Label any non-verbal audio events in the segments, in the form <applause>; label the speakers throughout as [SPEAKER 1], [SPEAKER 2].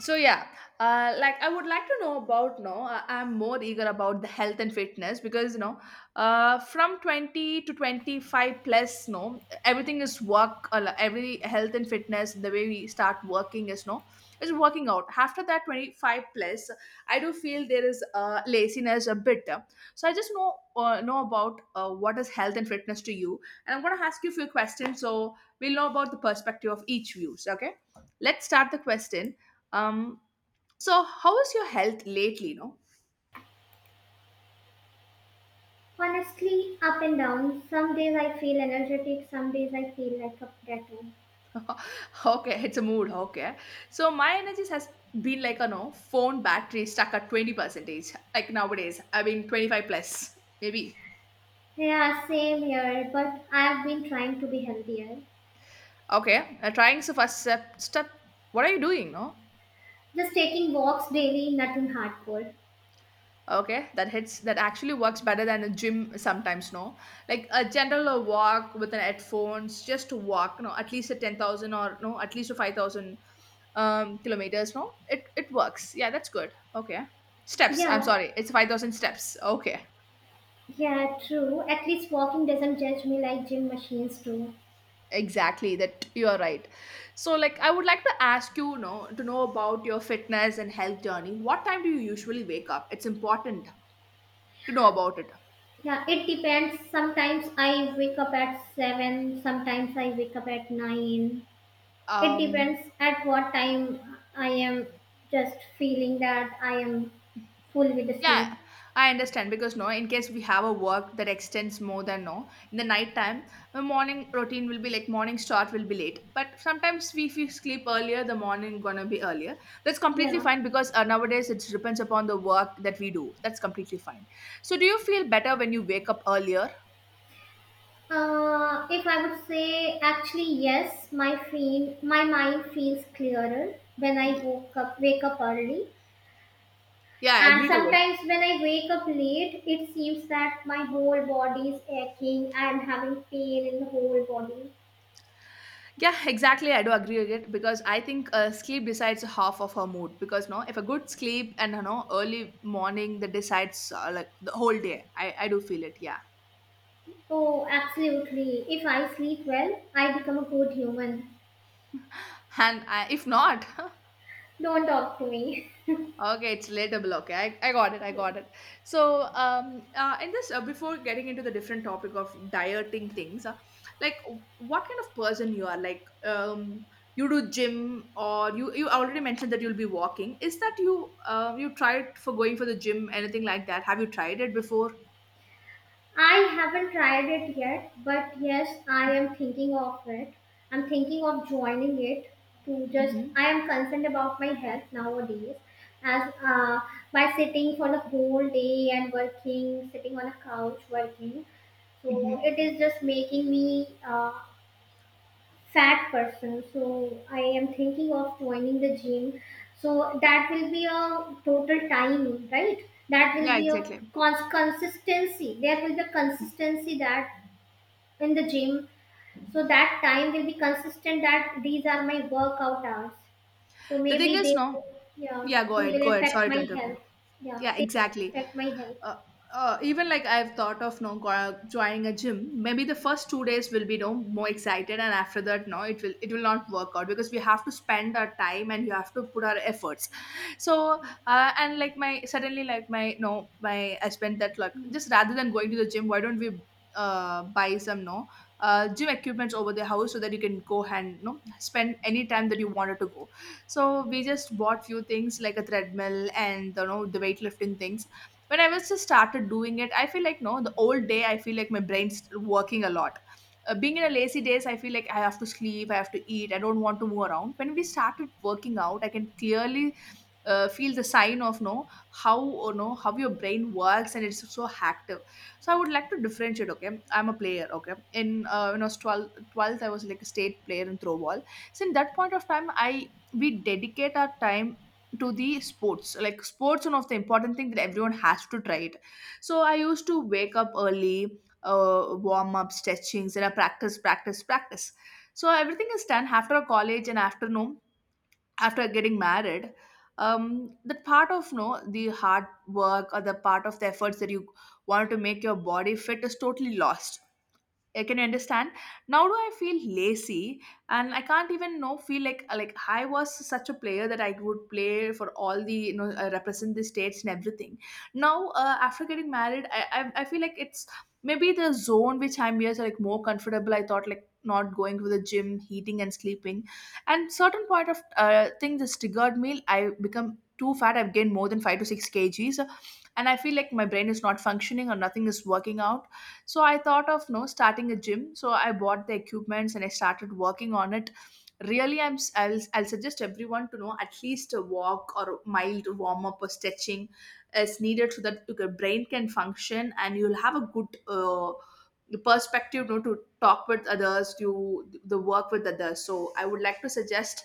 [SPEAKER 1] So yeah, like I would like to know about no, I'm more eager about the health and fitness because you know, from 20 to 25 plus, no, everything is work a every health and fitness. The way we start working is no, is working out. After that 25 plus, I do feel there is laziness a bit. So I just know, know about what is health and fitness to you. And I'm going to ask you a few questions, so we'll know about the perspective of each views. Okay, let's start the question. Um, so how is your health lately? No.
[SPEAKER 2] Honestly, up and down. Some days I feel energetic, some days I feel like a potato.
[SPEAKER 1] <laughs> Okay, it's a mood. Okay, so my energy has been like a no, phone battery stuck at 20 percentage. Like nowadays, I mean 25 plus maybe.
[SPEAKER 2] Yeah, same here, but I've been trying to be healthier.
[SPEAKER 1] Okay, trying. So first step. What are you doing? No.
[SPEAKER 2] Just taking walks daily, nothing hardcore.
[SPEAKER 1] Okay, that hits, that actually works better than a gym sometimes. No, like a general walk with an headphones, just to walk. No, at least a 10,000, or no, at least a 5,000 kilometers, no, it works, yeah, that's good. Okay, steps, I'm
[SPEAKER 2] Yeah,
[SPEAKER 1] sorry, it's 5,000 steps. Okay,
[SPEAKER 2] yeah, true. At least walking doesn't judge me like gym machines do.
[SPEAKER 1] exactly that, you're right. So like, I would like to ask you, you know, to know about your fitness and health journey. What time do you usually wake up? It's important to know about it.
[SPEAKER 2] Yeah, it depends. Sometimes I wake up at 7, sometimes I wake up at 9. It
[SPEAKER 1] um
[SPEAKER 2] depends at what time I am just feeling that I am full with the
[SPEAKER 1] Yeah,
[SPEAKER 2] sleep.
[SPEAKER 1] I understand. Because no, in case we have a work that extends more than no, in the night time, the morning routine will be like morning start will be late. But sometimes we, if we sleep earlier, the morning gonna be earlier. That's completely
[SPEAKER 2] Yeah.
[SPEAKER 1] fine because nowadays it depends upon the work that we do. That's completely fine. So do you feel better when you wake up earlier?
[SPEAKER 2] If I would say, actually, yes, my mind feels clearer when
[SPEAKER 1] Y-
[SPEAKER 2] wake up early.
[SPEAKER 1] Yeah, I
[SPEAKER 2] And
[SPEAKER 1] agree to it.
[SPEAKER 2] sometimes when I wake up late, it seems that my whole body is aching. I am having pain in the whole body.
[SPEAKER 1] Yeah, exactly, I do agree with it because I think sleep decides half of her mood. Because no, if a good sleep and you know early morning that decides, like the whole day. I do feel it. Yeah,
[SPEAKER 2] Oh, absolutely. If I sleep well, I become a good human.
[SPEAKER 1] and I, if not. <laughs>
[SPEAKER 2] Don't talk to me.
[SPEAKER 1] Okay, it's relatable. Okay, I got it. I
[SPEAKER 2] <laughs> Yeah.
[SPEAKER 1] got it. So, in this, before getting into the different topic of dieting things, like what kind of person you are? Like, you do gym or you already mentioned that you'll be walking. Is that you, you tried for going for the gym, anything like that? Have you tried it before?
[SPEAKER 2] I haven't tried it yet, but yes, I am thinking of it. I'm thinking of joining it to just,
[SPEAKER 1] Mm-hmm.
[SPEAKER 2] I am concerned about my health nowadays as by sitting for the whole day and working, sitting on a couch working. So
[SPEAKER 1] Mm-hmm.
[SPEAKER 2] it is just making me fat person, so I am thinking of joining the gym, so that will be a total time, right, that will
[SPEAKER 1] Yeah,
[SPEAKER 2] be a
[SPEAKER 1] exactly.
[SPEAKER 2] consistency, there will be a consistency that in the gym, so that time will be consistent that these are my workout hours, so
[SPEAKER 1] The thing
[SPEAKER 2] maybe
[SPEAKER 1] is,
[SPEAKER 2] they,
[SPEAKER 1] no.
[SPEAKER 2] yeah,
[SPEAKER 1] Yeah, go
[SPEAKER 2] they
[SPEAKER 1] ahead.
[SPEAKER 2] will
[SPEAKER 1] Go ahead.
[SPEAKER 2] affect
[SPEAKER 1] Sorry to
[SPEAKER 2] my
[SPEAKER 1] interrupt you.
[SPEAKER 2] health, yeah,
[SPEAKER 1] Yeah,
[SPEAKER 2] they
[SPEAKER 1] exactly.
[SPEAKER 2] affect my health.
[SPEAKER 1] uh, even like I've thought of no, joining a gym. Maybe the first 2 days will be no more excited, and after that, no, it will not work out because we have to spend our time and you have to put our efforts. So and like my suddenly like my no, my husband that like,
[SPEAKER 2] Hmm.
[SPEAKER 1] just rather than going to the gym, why don't we buy some, no, gym equipments over the house, so that you can go and no, spend any time that you wanted to go. So we just bought few things like a treadmill and you know, the weightlifting things. When I was just started doing it, I feel like no, the old day, I feel like my brain's still working a lot. Being in a lazy days, I feel like I have to sleep, I have to eat, I don't want to move around. When we started working out, I can clearly, feel the sign of no, how or no, how your brain works and it's so active. So I would like to differentiate. Okay, I'm a player. Okay, in when I was 12 12th, I was like a state player in throwball. So in that point of time, I we dedicate our time to the sports. Like sports, one of the important thing that everyone has to try it. So I used to wake up early, warm up stretchings, and I practice practice practice. So everything is done after college and afternoon. After getting married, that part of no, the hard work or the part of the efforts that you want to make your body fit is totally lost. I can, you understand. Now do I feel lazy, and I can't even know, feel like I was such a player that I would play for all the, you know, represent the states and everything. Now after getting married, I feel like it's maybe the zone which I'm here is like more comfortable. I thought like not going to the gym, eating and sleeping, and certain point of thing, this triggered me. I become too fat. I've gained more than 5 to 6 kgs, and I feel like my brain is not functioning or nothing is working out. So I thought of no, starting a gym. So I bought the equipments and I started working on it. Really, I'll suggest everyone to know, at least a walk or a mild warm up or stretching is needed, so that your brain can function and you'll have a good, perspective, you know, to talk with others, to the work with others. So I would like to suggest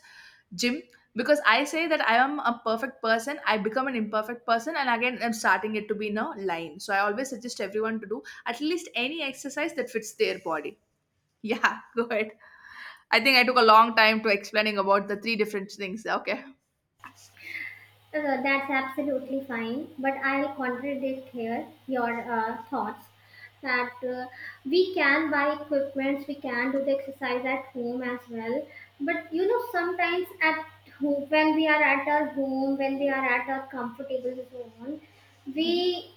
[SPEAKER 1] gym, because I say that I am a perfect person, I become an imperfect person, and again, I'm starting it to be in a line. So, I always suggest everyone to do at least any exercise that fits their body. Yeah, <laughs> go ahead. I think I took a long time to explaining about the three different things. Okay.
[SPEAKER 2] That's absolutely fine, but I'll contradict here your thoughts that we can buy equipments, we can do the exercise at home as well. But you know, sometimes at home, when we are at our home, when we are at our comfortable zone,
[SPEAKER 1] Mm-hmm.
[SPEAKER 2] we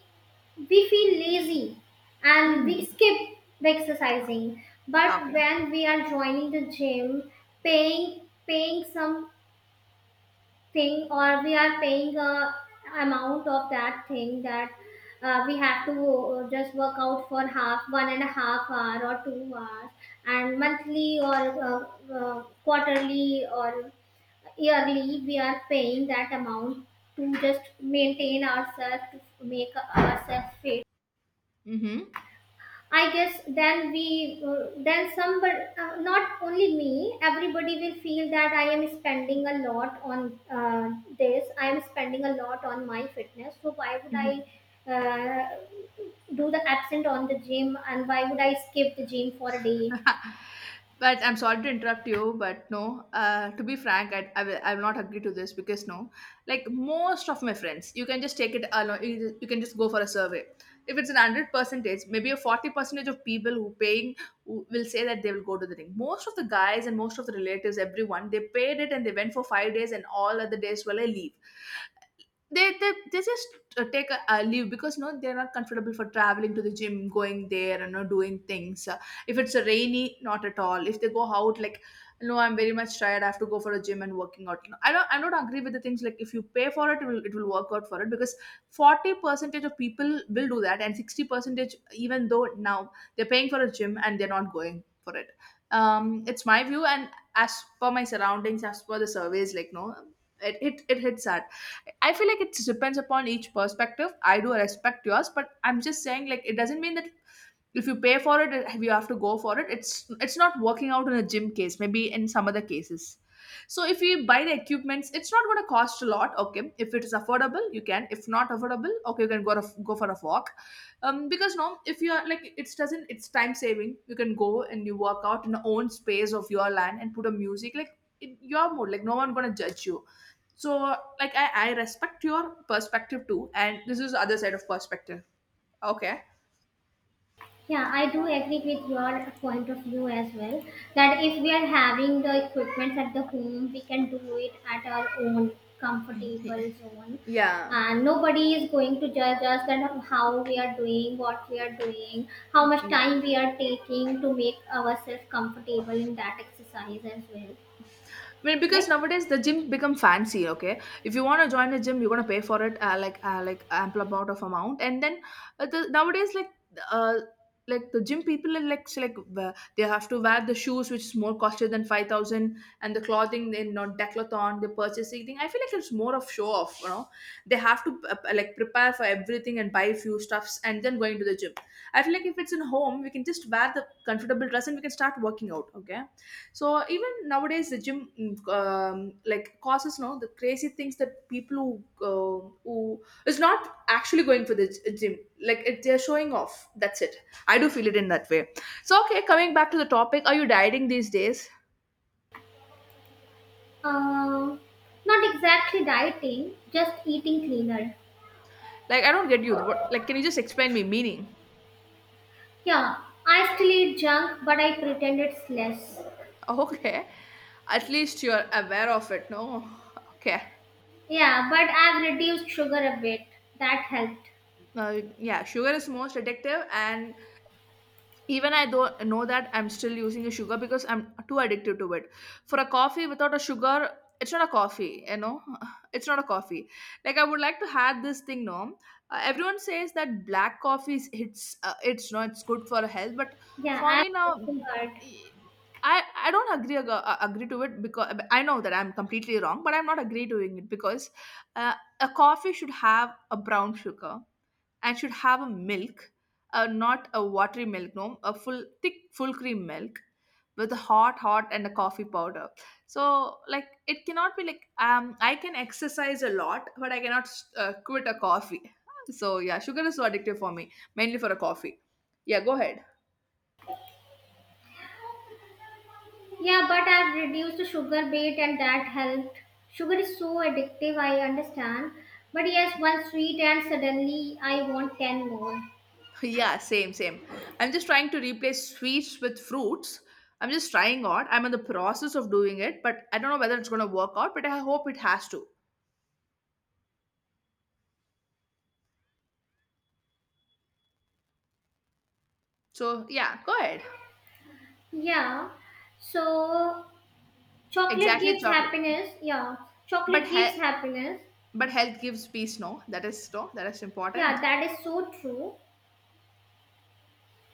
[SPEAKER 2] we feel lazy and
[SPEAKER 1] Mm-hmm.
[SPEAKER 2] we skip the exercising. But
[SPEAKER 1] Okay.
[SPEAKER 2] when we are joining the gym, paying paying some thing, or we are paying a amount of that thing that we have to just work out for half 1.5 hour or 2 hours, and monthly or uh, quarterly or yearly, we are paying that amount to just maintain ourselves to make ourselves fit.
[SPEAKER 1] Mm-hmm.
[SPEAKER 2] I guess then we, then somebody, not only me, everybody will feel that I am spending a lot on this. I am spending a lot on my fitness. So why would
[SPEAKER 1] Mm-hmm.
[SPEAKER 2] I uh, do the absent on the gym, and why would I skip the gym for a day?
[SPEAKER 1] <laughs> But I'm sorry to interrupt you, but no. To be frank, I will not agree to this because no, like most of my friends, you can just take it alone. You can just go for a survey. If it's an 100, maybe a 40 percentage of people who paying, who will say that they will go to the ring. Most of the guys and most of the relatives, everyone, they paid it and they went for 5 days, and all other days, well, I leave, they just take a leave because no, they're not comfortable for traveling to the gym, going there and not doing things. If it's a rainy, not at all, if they go out like, no, I'm very much tired, I have to go for a gym and working out. No, I don't agree with the things like if you pay for it, it will work out for it, because 40 percentage of people will do that and 60 percentage, even though now they're paying for a gym and they're not going for it. It's my view, and as per my surroundings, as per the surveys, like no, it hits hard. I feel like it depends upon each perspective. I do respect yours, but I'm just saying like it doesn't mean that if you pay for it, you have to go for it. It's not working out in a gym case, maybe in some other cases. So if you buy the equipments, it's not going to cost a lot. Okay, if it is affordable you can, if not affordable, okay, you can go, to, go for a walk. Because no, if you are like, it doesn't, it's time saving, you can go and you work out in the own space of your land and put a music like in your mood, like no one going to judge you. So like, I respect your perspective too, and this is the other side of perspective. Okay.
[SPEAKER 2] Yeah, I do agree with your point of view as well. That if we are having the equipment at the home, we can do it at our own comfortable zone.
[SPEAKER 1] Yeah.
[SPEAKER 2] And nobody is going to judge us that how we are doing, what we are doing, how
[SPEAKER 1] Mm,
[SPEAKER 2] much
[SPEAKER 1] yeah,
[SPEAKER 2] time we are taking to make ourselves comfortable in that exercise as well.
[SPEAKER 1] I mean because
[SPEAKER 2] Right?
[SPEAKER 1] nowadays the gym become fancy. Okay, if you want to join a gym, you're gonna pay for it, ample amount of amount, and then nowadays like uh the gym people are like so, like, they have to wear the shoes which is more costly than 5,000, and the clothing, they not decathlon, they purchase everything. I feel like it's more of show off. You know, they have to, like prepare for everything and buy a few stuffs and then going to the gym. I feel like if it's in home, we can just wear the comfortable dress and we can start working out. Okay, so even nowadays, the gym like causes no, the crazy things that people who is not actually going for the gym, like it, they're showing off. That's it. I do feel it in that way. So okay, coming back to the topic, are you dieting these days?
[SPEAKER 2] Uh, Not exactly dieting, just eating cleaner.
[SPEAKER 1] Like I don't get you. What like can you just explain me meaning? <laughs>
[SPEAKER 2] Yeah, I still eat junk, but I pretend it's less.
[SPEAKER 1] Okay, at least you're aware of it. No, <laughs> okay.
[SPEAKER 2] Yeah, but I've reduced sugar a bit. That helped.
[SPEAKER 1] Yeah, sugar is most addictive. And even I don't know that I'm still using a sugar because I'm too addicted to it. For a coffee without a sugar, it's not a coffee. <sighs> <laughs> It's not a coffee, like I would like to have this thing, no. Everyone says that black coffee is it's not it's good for health, but
[SPEAKER 2] Yeah,
[SPEAKER 1] for
[SPEAKER 2] I've
[SPEAKER 1] me now,
[SPEAKER 2] worked so hard.
[SPEAKER 1] e- i I don't agree to it because I know that I'm completely wrong, but I'm not agree doing it because uh, a coffee should have a brown sugar and should have a milk, not a watery milk, no, a full thick full cream milk with hot, hot and a coffee powder. So like it cannot be like, I can exercise a lot, but I cannot quit a coffee. So yeah, sugar is so addictive for me, mainly for a coffee. Yeah, go ahead. <laughs>
[SPEAKER 2] Yeah, but I've reduced the sugar bit and that helped. Sugar is so addictive, I understand. But yes, one sweet and suddenly I want 10 more.
[SPEAKER 1] Yeah, same, same. I'm just trying to replace sweets with fruits. I'm just trying out. I'm in the process of doing it, but I don't know whether it's going to work out, but I hope it has to. So, yeah, go ahead.
[SPEAKER 2] Yeah. So chocolate
[SPEAKER 1] Exactly,
[SPEAKER 2] gives
[SPEAKER 1] chocolate.
[SPEAKER 2] happiness. Yeah.
[SPEAKER 1] But
[SPEAKER 2] Chocolate
[SPEAKER 1] he-
[SPEAKER 2] gives happiness.
[SPEAKER 1] but health gives peace, no? That is no, that is
[SPEAKER 2] Yeah,
[SPEAKER 1] important.
[SPEAKER 2] that is so true.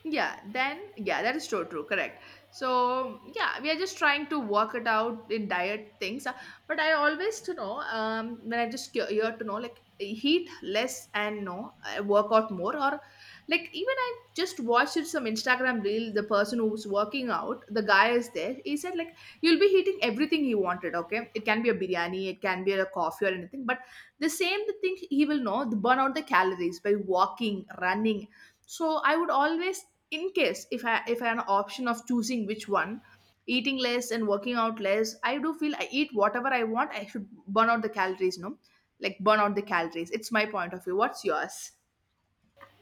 [SPEAKER 1] Yeah, then yeah, that is true, true, correct. So yeah, we are just trying to work it out in diet things. But I always to know, when I just here to know like heat less and no, work out more or like even I just watched some Instagram reel. The person who's working out, the guy is there, he said like you'll be eating everything he wanted, okay, it can be a biryani, it can be a coffee or anything, but the same, the thing he will know the burn out the calories by walking, running. So I would always, in case if I had an option of choosing which one, eating less and working out less, I do feel I eat whatever I want, I should burn out the calories, no, like burn out the calories, it's my point of view. What's yours?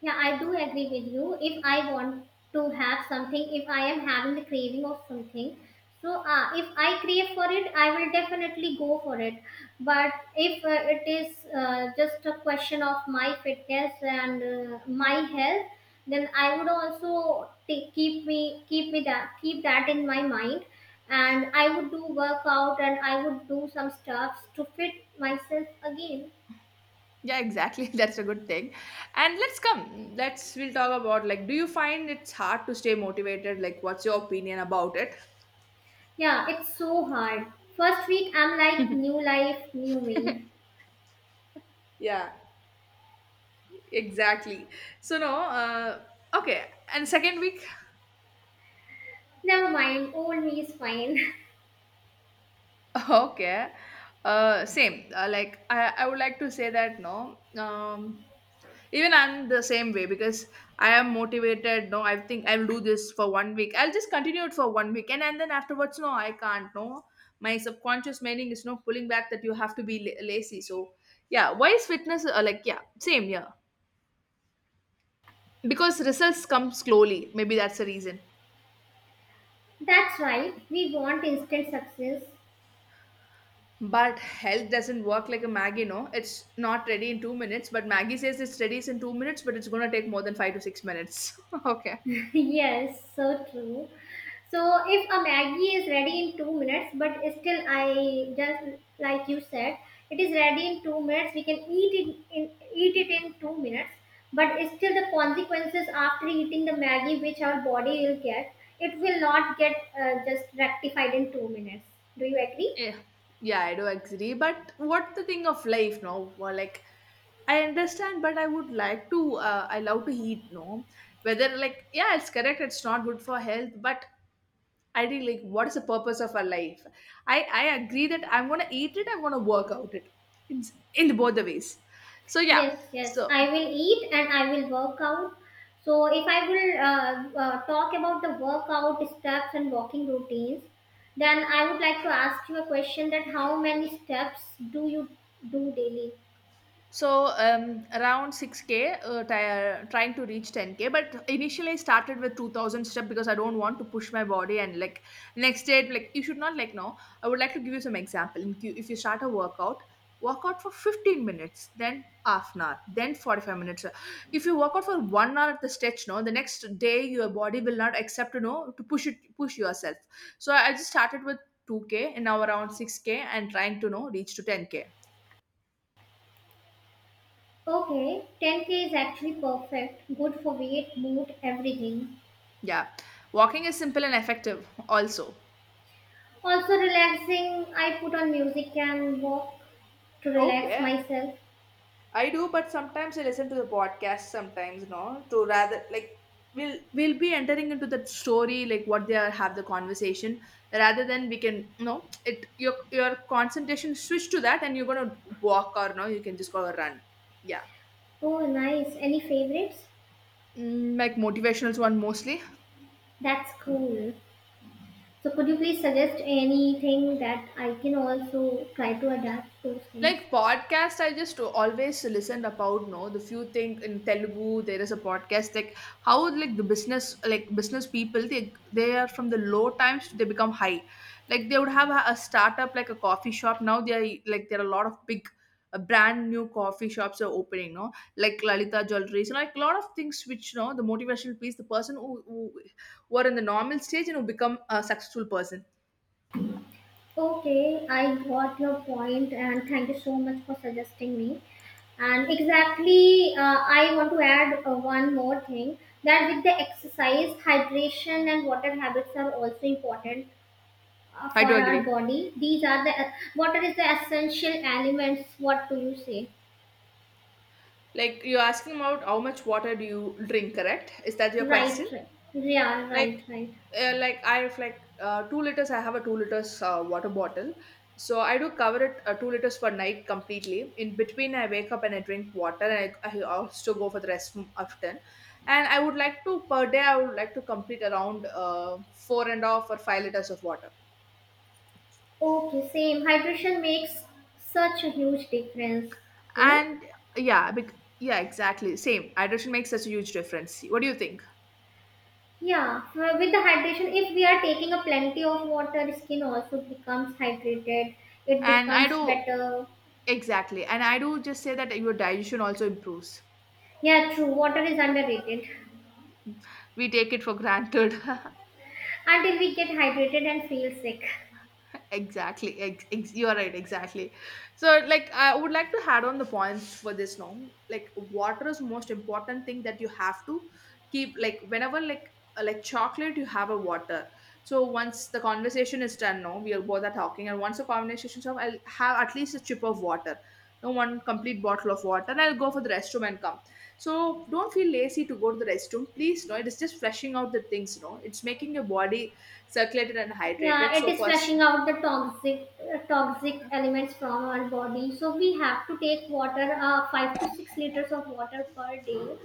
[SPEAKER 2] Yeah, I do agree with you. If I want to have something, if I am having the craving of something, so if I crave for it, I will definitely go for it. But if it is just a question of my fitness and my health, then I would also take, keep me that keep that in my mind, and I would do workout and I would do some stuffs to fit myself again.
[SPEAKER 1] Yeah, exactly. <laughs> That's a good thing. And let's come let's we'll talk about like, do you find it's hard to stay motivated, like what's your opinion about it?
[SPEAKER 2] Yeah, it's so hard. First week, I'm like, new life, new me.
[SPEAKER 1] Yeah, exactly. So no, okay. And second week.
[SPEAKER 2] Never mind, old me is fine.
[SPEAKER 1] Okay. Same. Like I would like to say that, no. Even I'm the same way because I am motivated. No, I think I'll do this for one week. I'll just continue it for one week, and then afterwards, no, I can't. No, my subconscious meaning is no, pulling back that you have to be lazy. So yeah, why is fitness, like yeah, same, yeah, because results come slowly. Maybe that's the reason.
[SPEAKER 2] <laughs> That's right, we want instant success.
[SPEAKER 1] But health doesn't work like a Maggie, no? It's not ready in 2 minutes, but Maggie says it's ready in 2 minutes, but it's gonna take more than 5 to 6 minutes. <laughs> Okay.
[SPEAKER 2] <laughs> Yes, so true. So, if a Maggie is ready in 2 minutes, but still, I just like you said, it is ready in 2 minutes. We can eat it in 2 minutes, but still, the consequences after eating the Maggie, which our body will get, it will not get just rectified in 2 minutes. Do you agree?
[SPEAKER 1] Yeah. Yeah, I do agree. But what the thing of life, no? Well, like, I understand, but I would like to, I love to eat, no? Whether, like, yeah, it's correct, it's not good for health, but I think, like, what is the purpose of our life? I agree that I'm gonna eat it, I'm gonna work out it in, in both the ways. So, yeah.
[SPEAKER 2] Yes, yes.
[SPEAKER 1] So,
[SPEAKER 2] I will eat and I will work out. So, if I will talk about the workout steps and walking routines, then I would like to ask you a question that how many steps do you do daily?
[SPEAKER 1] So around 6k, trying to reach 10k. But initially, I started with 2000 step because I don't want to push my body. And like next day, like you should not like, no. I would like to give you some example. In Q, if you start a workout, work out for 15 minutes, then half an hour, then 45 minutes. If you work out for one hour at the stretch, no, the next day your body will not accept you know to push it, push yourself. So I just started with 2k and now around 6k and trying to know reach to 10k.
[SPEAKER 2] Okay, 10K is actually perfect. Good for weight, mood, everything.
[SPEAKER 1] Yeah. Walking is simple and effective also.
[SPEAKER 2] Also relaxing, I put on music and walk to relax
[SPEAKER 1] Okay,
[SPEAKER 2] myself.
[SPEAKER 1] I do, but sometimes I listen to the podcast, sometimes no, to rather like, we'll be entering into the story like what they are have the conversation, rather than we can, no, it your concentration switch to that and you're gonna walk, or no, you can just go run. Yeah.
[SPEAKER 2] Oh, nice. Any favorites?
[SPEAKER 1] Mm, like motivational one mostly.
[SPEAKER 2] That's cool. So could you please suggest anything that I can also try to adapt those things?
[SPEAKER 1] Like podcast, I just always listened about no the few thing in Telugu. There is a podcast like how, like the business, like business people, they are from the low times they become high. Like they would have a startup like a coffee shop. Now they are like, there are a lot of big brand new coffee shops are opening. No, like Lalita Jewelry. So like a lot of things which you know the motivational piece. The person who are in the normal stage and who become a successful person.
[SPEAKER 2] Okay, I got your point and thank you so much for suggesting me. And exactly, I want to add one more thing that with the exercise, hydration, and water habits are also important
[SPEAKER 1] I
[SPEAKER 2] for
[SPEAKER 1] do
[SPEAKER 2] our
[SPEAKER 1] agree.
[SPEAKER 2] body. These are the Water is the essential elements. What do you say?
[SPEAKER 1] Like you're asking about how much water do you drink, correct? Is that your
[SPEAKER 2] Right,
[SPEAKER 1] question?
[SPEAKER 2] right. Yeah,
[SPEAKER 1] Like,
[SPEAKER 2] right, right.
[SPEAKER 1] like I have like 2 liters. I have a 2 liters water bottle, so I do cover it 2 liters per night completely. In between, I wake up and I drink water, and I also go for the restroom often. And I would like to per day. I would like to complete around four and a half or 5 liters of water.
[SPEAKER 2] Okay, same. Hydration makes such a huge difference, you know?
[SPEAKER 1] And yeah, yeah, exactly. Same. Hydration makes such a huge difference. What do you think?
[SPEAKER 2] Yeah, with the hydration, if we are taking a plenty of water, skin also becomes hydrated. It
[SPEAKER 1] And I
[SPEAKER 2] becomes
[SPEAKER 1] do.
[SPEAKER 2] better.
[SPEAKER 1] Exactly. And I do just say that your digestion also improves.
[SPEAKER 2] Yeah, true. Water is underrated <laughs>
[SPEAKER 1] We take it for granted. <laughs>
[SPEAKER 2] until we get hydrated and feel sick.
[SPEAKER 1] You are right, exactly. So like I would like to add on the points for this now. Like water is most important thing that you have to keep like whenever, like chocolate, you have a water. So once the conversation is done, no, we are both are talking, and once the conversation is over, I'll have at least a chip of water, no, one complete bottle of water, and I'll go for the restroom and come. So don't feel lazy to go to the restroom, please, no, it is just flushing out the things, no, it's making your body circulated and
[SPEAKER 2] Yeah,
[SPEAKER 1] hydrated.
[SPEAKER 2] it
[SPEAKER 1] So
[SPEAKER 2] is
[SPEAKER 1] for
[SPEAKER 2] flushing out the toxic toxic elements from our body. So we have to take water, 5 to 6 liters of water per day,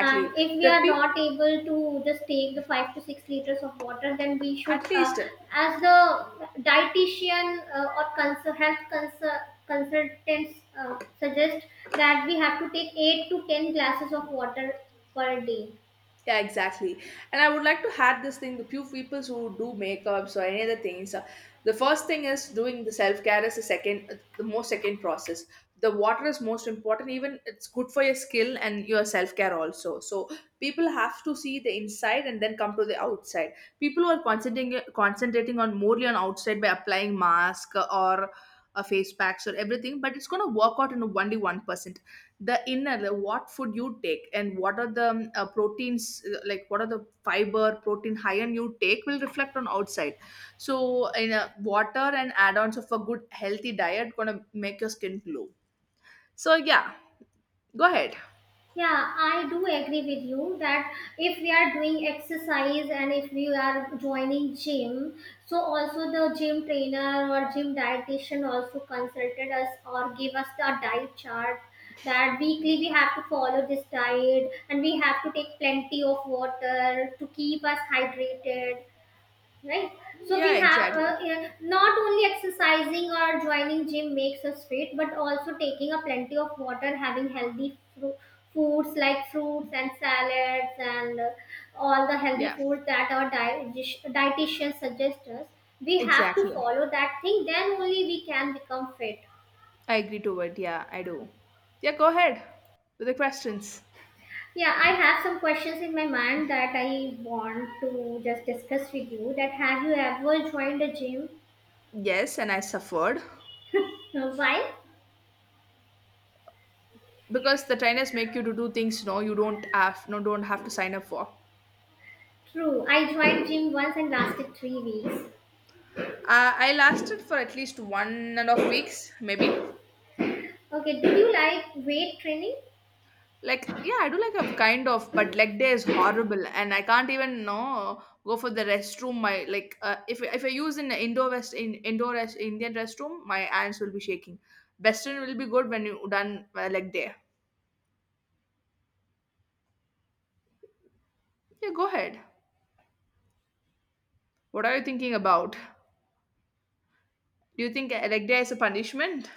[SPEAKER 2] and if we
[SPEAKER 1] The
[SPEAKER 2] are
[SPEAKER 1] people,
[SPEAKER 2] not able to just take the 5 to 6 liters of water, then we should
[SPEAKER 1] at least,
[SPEAKER 2] as the dietitian, or health consultants suggest that we have to take 8 to 10 glasses of water per day.
[SPEAKER 1] yeah, exactly. And I would like to add this thing, the few people who do makeups or any other things. The first thing is doing the self care is the second, the most second process. The water is most important, even it's good for your skill and your self care also. So people have to see the inside and then come to the outside. People who are concentrating on morely on outside by applying mask or face packs or everything, but it's going to work out in a only 1%. The inner, the what food you take and what are the proteins, like what are the fiber protein high end you take will reflect on outside. So in a water and add-ons of a good healthy diet gonna make your skin glow. So yeah, go ahead.
[SPEAKER 2] Yeah, I do agree with you that if we are doing exercise and if we are joining gym, so also the gym trainer or gym dietitian also consulted us or gave us the diet chart that weekly we have to follow this diet and we have to take plenty of water to keep us hydrated, right, so we
[SPEAKER 1] Yeah,
[SPEAKER 2] have
[SPEAKER 1] exactly.
[SPEAKER 2] not only exercising or joining gym makes us fit, but also taking a plenty of water, having foods like fruits and salads and all the healthy
[SPEAKER 1] Yeah,
[SPEAKER 2] foods that our dietitian suggests us, we have to
[SPEAKER 1] exactly.
[SPEAKER 2] follow that thing, then only we can become fit.
[SPEAKER 1] I agree to it. Yeah, I do. Yeah, go ahead with the questions.
[SPEAKER 2] Yeah, I have some questions in my mind that I want to just discuss with you, that have you ever joined a gym?
[SPEAKER 1] Yes, and I suffered.
[SPEAKER 2] Why?
[SPEAKER 1] Because the trainers make you to do things, no, you don't have, no, don't have to sign up for.
[SPEAKER 2] True. I joined gym once and lasted 3 weeks.
[SPEAKER 1] I lasted for at least one and a half weeks, maybe.
[SPEAKER 2] Okay. Did you like weight training?
[SPEAKER 1] Like, yeah, I do like a kind of, but leg day is horrible, and I can't even know go for the restroom. My like, if I use in indoor west in indoor rest, Indian restroom, my hands will be shaking. Western will be good when you done leg day. Yeah, go ahead. What are you thinking about? Do you think a leg day is a punishment?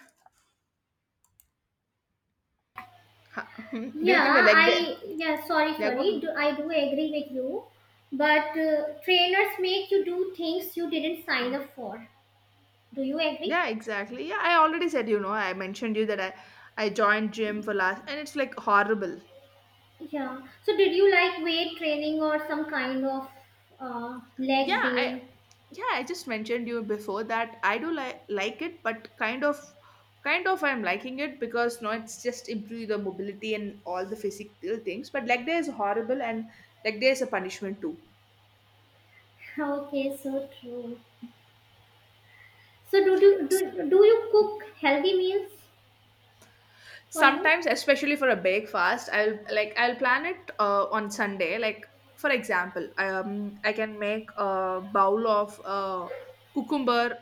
[SPEAKER 1] <laughs> Do you
[SPEAKER 2] Yeah.
[SPEAKER 1] think a leg day?
[SPEAKER 2] I Yeah. Sorry.
[SPEAKER 1] Yeah, go
[SPEAKER 2] Sorry.
[SPEAKER 1] ahead.
[SPEAKER 2] I do agree with you, but trainers make you do things you didn't sign up for. Do you agree?
[SPEAKER 1] Yeah, exactly. Yeah, I already said, you know, I mentioned you that I joined gym for last and it's like horrible.
[SPEAKER 2] Yeah. So did you like weight training or some kind of
[SPEAKER 1] Yeah,
[SPEAKER 2] leg
[SPEAKER 1] I
[SPEAKER 2] day? <laughs>
[SPEAKER 1] yeah, I just mentioned you before that I do like it, but kind of I'm liking it because no, it's just improve the mobility and all the physical things. But leg day is horrible and leg day is a punishment too.
[SPEAKER 2] Okay. So true. So do you cook healthy meals for you?
[SPEAKER 1] Sometimes, especially for a big fast, I'll plan it on Sunday, like for example, I can make a bowl of cucumber,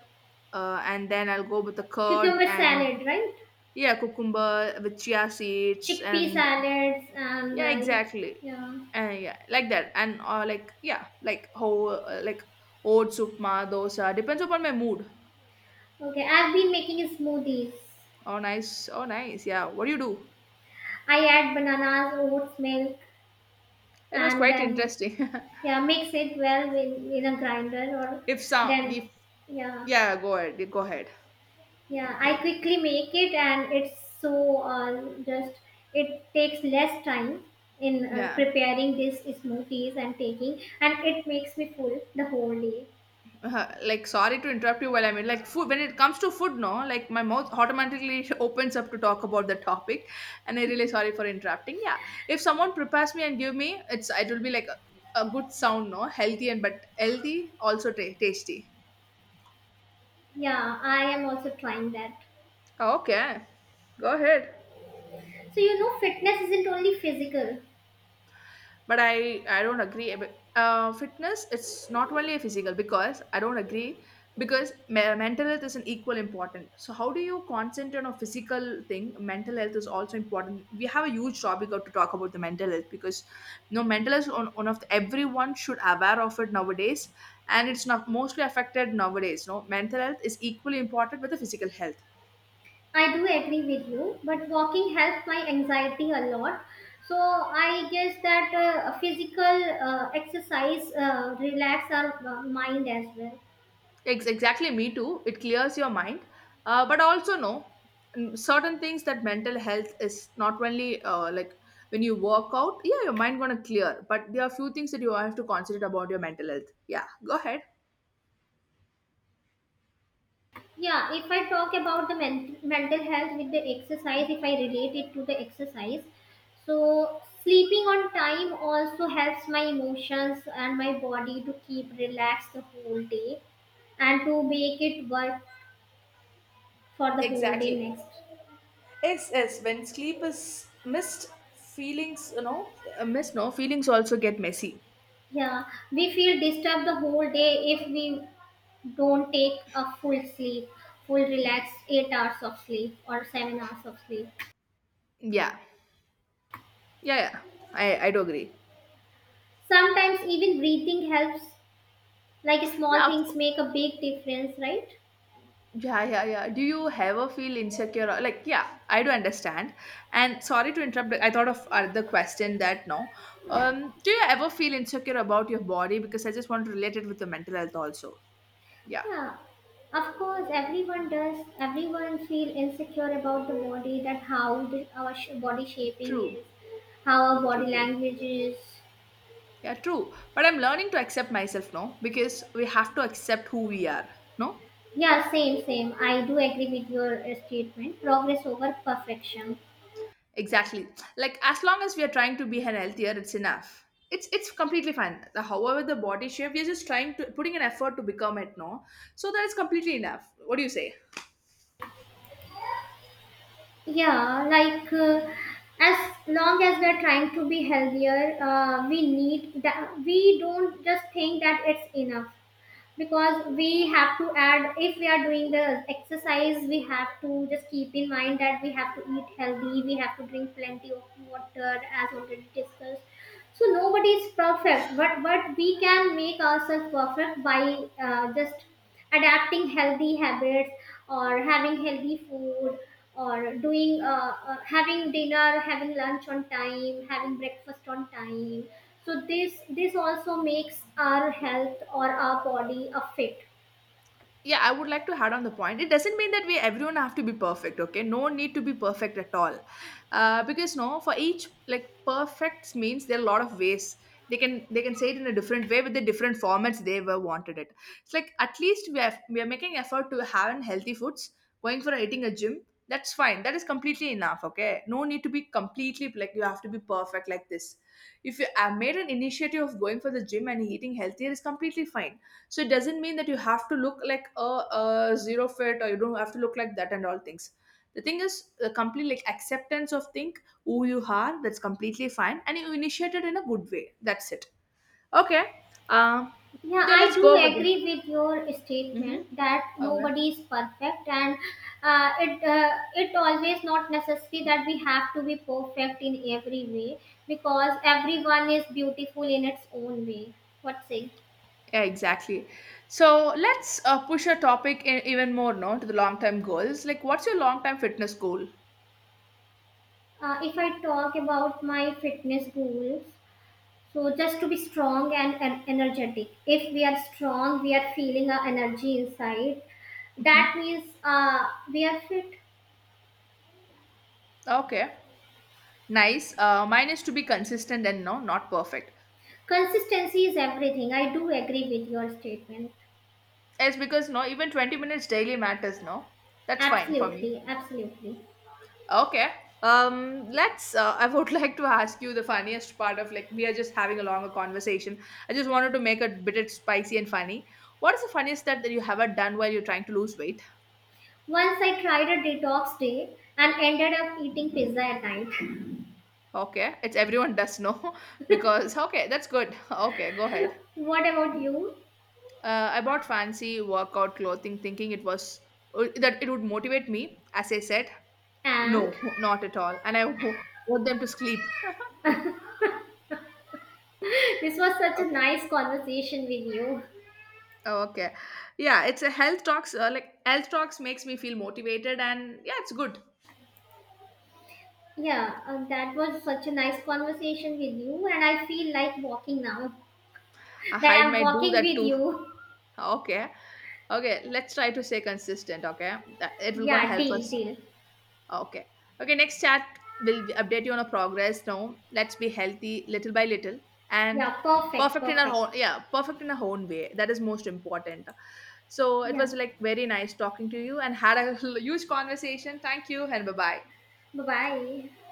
[SPEAKER 1] and then I'll go with the curd
[SPEAKER 2] Cucumber
[SPEAKER 1] and
[SPEAKER 2] salad, right?
[SPEAKER 1] yeah, cucumber with chia seeds.
[SPEAKER 2] Chickpea
[SPEAKER 1] And
[SPEAKER 2] salads and
[SPEAKER 1] yeah, exactly.
[SPEAKER 2] yeah.
[SPEAKER 1] And yeah, like that. And like, yeah, like how, like oats, upma, dosa, depends upon my mood.
[SPEAKER 2] Okay, I've been making smoothies.
[SPEAKER 1] Oh nice, oh nice. Yeah, what do you do?
[SPEAKER 2] I add bananas, oats, milk,
[SPEAKER 1] It was
[SPEAKER 2] and
[SPEAKER 1] quite
[SPEAKER 2] then,
[SPEAKER 1] interesting. <laughs>
[SPEAKER 2] yeah, mix it well in a grinder or
[SPEAKER 1] if some
[SPEAKER 2] then,
[SPEAKER 1] if
[SPEAKER 2] yeah,
[SPEAKER 1] Yeah, go ahead. Go ahead.
[SPEAKER 2] yeah, I quickly make it, and it's so, just, it takes less time in
[SPEAKER 1] Yeah.
[SPEAKER 2] preparing these smoothies and taking, and it makes me full the whole day.
[SPEAKER 1] Like, sorry to interrupt you while I mean, like, food. When it comes to food, no, like, my mouth automatically <laughs> opens up to talk about the topic, and I really sorry for interrupting. Yeah, if someone prepares me and give me, it will be like a good sound, no, healthy and but healthy also tasty.
[SPEAKER 2] Yeah, I am also trying that.
[SPEAKER 1] Okay, go ahead.
[SPEAKER 2] So you know fitness isn't only physical.
[SPEAKER 1] But I don't agree fitness, it's not only a physical because I don't agree. Because mental health is an equal important. So how do you concentrate on a physical thing? Mental health is also important. We have a huge topic to talk about the mental health. Because you know, mental health is on, one of the, everyone should aware of it nowadays, and it's not mostly affected nowadays, no, mental health is equally important with the physical health.
[SPEAKER 2] I do agree with you, but walking helps my anxiety a lot. So I guess that physical exercise relax our mind as well.
[SPEAKER 1] Exactly, me too. It clears your mind. But also, no, certain things that mental health is not only like when you work out, yeah, your mind gonna clear. But there are few things that you have to consider about your mental health. Yeah, go ahead.
[SPEAKER 2] Yeah, if I talk about the mental health with the exercise, if I relate it to the exercise, so sleeping on time also helps my emotions and my body to keep relaxed the whole day and to make it work for the whole day
[SPEAKER 1] Exactly.
[SPEAKER 2] next.
[SPEAKER 1] Yes, yes. When sleep is missed, feelings, you know, missed, no, feelings also get messy.
[SPEAKER 2] Yeah, we feel disturbed the whole day if we don't take a full sleep, full relaxed 8 hours of sleep or 7 hours of sleep.
[SPEAKER 1] Yeah, yeah, yeah. I do agree.
[SPEAKER 2] Sometimes even breathing helps, like small
[SPEAKER 1] Yeah, of,
[SPEAKER 2] things make a big difference, right?
[SPEAKER 1] Yeah, yeah, yeah. Do you ever feel insecure? Like, yeah, I do understand. And sorry to interrupt. I thought of other question that no. Do you ever feel insecure about your body? Because I just want to relate it with your mental health also. Yeah,
[SPEAKER 2] Yeah, of course, everyone does. Everyone feel insecure about the body, that how our body shaping
[SPEAKER 1] true,
[SPEAKER 2] is, how our
[SPEAKER 1] true,
[SPEAKER 2] body
[SPEAKER 1] true.
[SPEAKER 2] language is.
[SPEAKER 1] Yeah, true. But I'm learning to accept myself, no, because we have to accept who we are, no.
[SPEAKER 2] Yeah, same, same. I do agree with your statement. Progress over perfection.
[SPEAKER 1] Exactly. Like as long as we are trying to be healthier, it's enough. It's completely fine. However, the body shape, we are just trying to putting an effort to become it, no? So that is completely enough. What do you say?
[SPEAKER 2] Yeah, like as long as we're trying to be healthier, we need that we don't just think that it's enough, because we have to add, if we are doing the exercise, we have to just keep in mind that we have to eat healthy, we have to drink plenty of water as already discussed, so nobody is perfect, but we can make ourselves perfect by just adapting healthy habits or having healthy food or doing having dinner, having lunch on time, having breakfast on time, so this also makes our health or our body a fit.
[SPEAKER 1] Yeah, I would like to add on the point, it doesn't mean that we everyone have to be perfect. Okay, no need to be perfect at all. Because no, for each, like perfect means there are a lot of ways. They can say it in a different way with the different formats they were wanted it. It's like at least we are making effort to having healthy foods, going for eating a gym. That's fine, that is completely enough. Okay, no need to be completely like you have to be perfect like this. If you have made an initiative of going for the gym and eating healthier, is completely fine. So it doesn't mean that you have to look like a zero fit, or you don't have to look like that and all things. The thing is the complete like acceptance of think who you are. That's completely fine and you initiate it in a good way. That's it. Okay. uh,
[SPEAKER 2] Yeah,
[SPEAKER 1] yeah,
[SPEAKER 2] I
[SPEAKER 1] let's
[SPEAKER 2] do
[SPEAKER 1] go with it.
[SPEAKER 2] agree with your
[SPEAKER 1] Mm-hmm.
[SPEAKER 2] statement that
[SPEAKER 1] Okay.
[SPEAKER 2] nobody is perfect, and it it always not necessary that we have to be perfect in every way, because everyone is beautiful in its own way. What say?
[SPEAKER 1] Yeah, exactly. So let's push a topic in even more, no, to the long term goals. Like, what's your long term fitness goal?
[SPEAKER 2] If I talk about my fitness goals, so just to be strong and energetic. If we are strong, we are feeling our energy inside.
[SPEAKER 1] Hmm.
[SPEAKER 2] That means we are fit.
[SPEAKER 1] Okay, nice. Mine is to be consistent, and no, not perfect.
[SPEAKER 2] Consistency is everything. I do agree with your statement.
[SPEAKER 1] Yes, because no, even 20 minutes daily matters, no? That's fine for me.
[SPEAKER 2] Absolutely, absolutely.
[SPEAKER 1] Okay. Let's I would <laughs> like to ask you the funniest part of, like, we are just having a longer conversation. I just wanted to make it a bit spicy and funny. What is the funniest step that you have ever done while you're trying to lose weight?
[SPEAKER 2] Once I tried a detox day and ended up eating pizza at night.
[SPEAKER 1] Okay, it's everyone does know <laughs> because okay, that's good. Okay, go ahead.
[SPEAKER 2] What about you?
[SPEAKER 1] I bought fancy workout clothing thinking it was that it would motivate me. As I said,
[SPEAKER 2] And
[SPEAKER 1] no, <laughs> not at all. And I <laughs> want them to sleep. <laughs>
[SPEAKER 2] <laughs> this was such a
[SPEAKER 1] Okay.
[SPEAKER 2] nice conversation with you.
[SPEAKER 1] Oh, okay. Yeah, it's a health talks. Like, health talks makes me feel motivated, and yeah, it's good.
[SPEAKER 2] Yeah, that was such a nice conversation with you, and I feel like walking now <laughs>
[SPEAKER 1] I
[SPEAKER 2] that I'm
[SPEAKER 1] might do
[SPEAKER 2] walking
[SPEAKER 1] that
[SPEAKER 2] with
[SPEAKER 1] too.
[SPEAKER 2] you.
[SPEAKER 1] Okay, okay. Let's try to stay consistent. Okay, that, it will gonna
[SPEAKER 2] Yeah,
[SPEAKER 1] help
[SPEAKER 2] deal,
[SPEAKER 1] us.
[SPEAKER 2] deal.
[SPEAKER 1] Okay, okay. Next chat will update you on our progress. Now let's be healthy little by little, and
[SPEAKER 2] Yeah, perfect,
[SPEAKER 1] perfect in our
[SPEAKER 2] perfect.
[SPEAKER 1] own. Yeah, perfect in our own way. That is most important. So it
[SPEAKER 2] Yeah,
[SPEAKER 1] was like very nice talking to you and had a <laughs> huge conversation. Thank you and bye bye.
[SPEAKER 2] bye bye.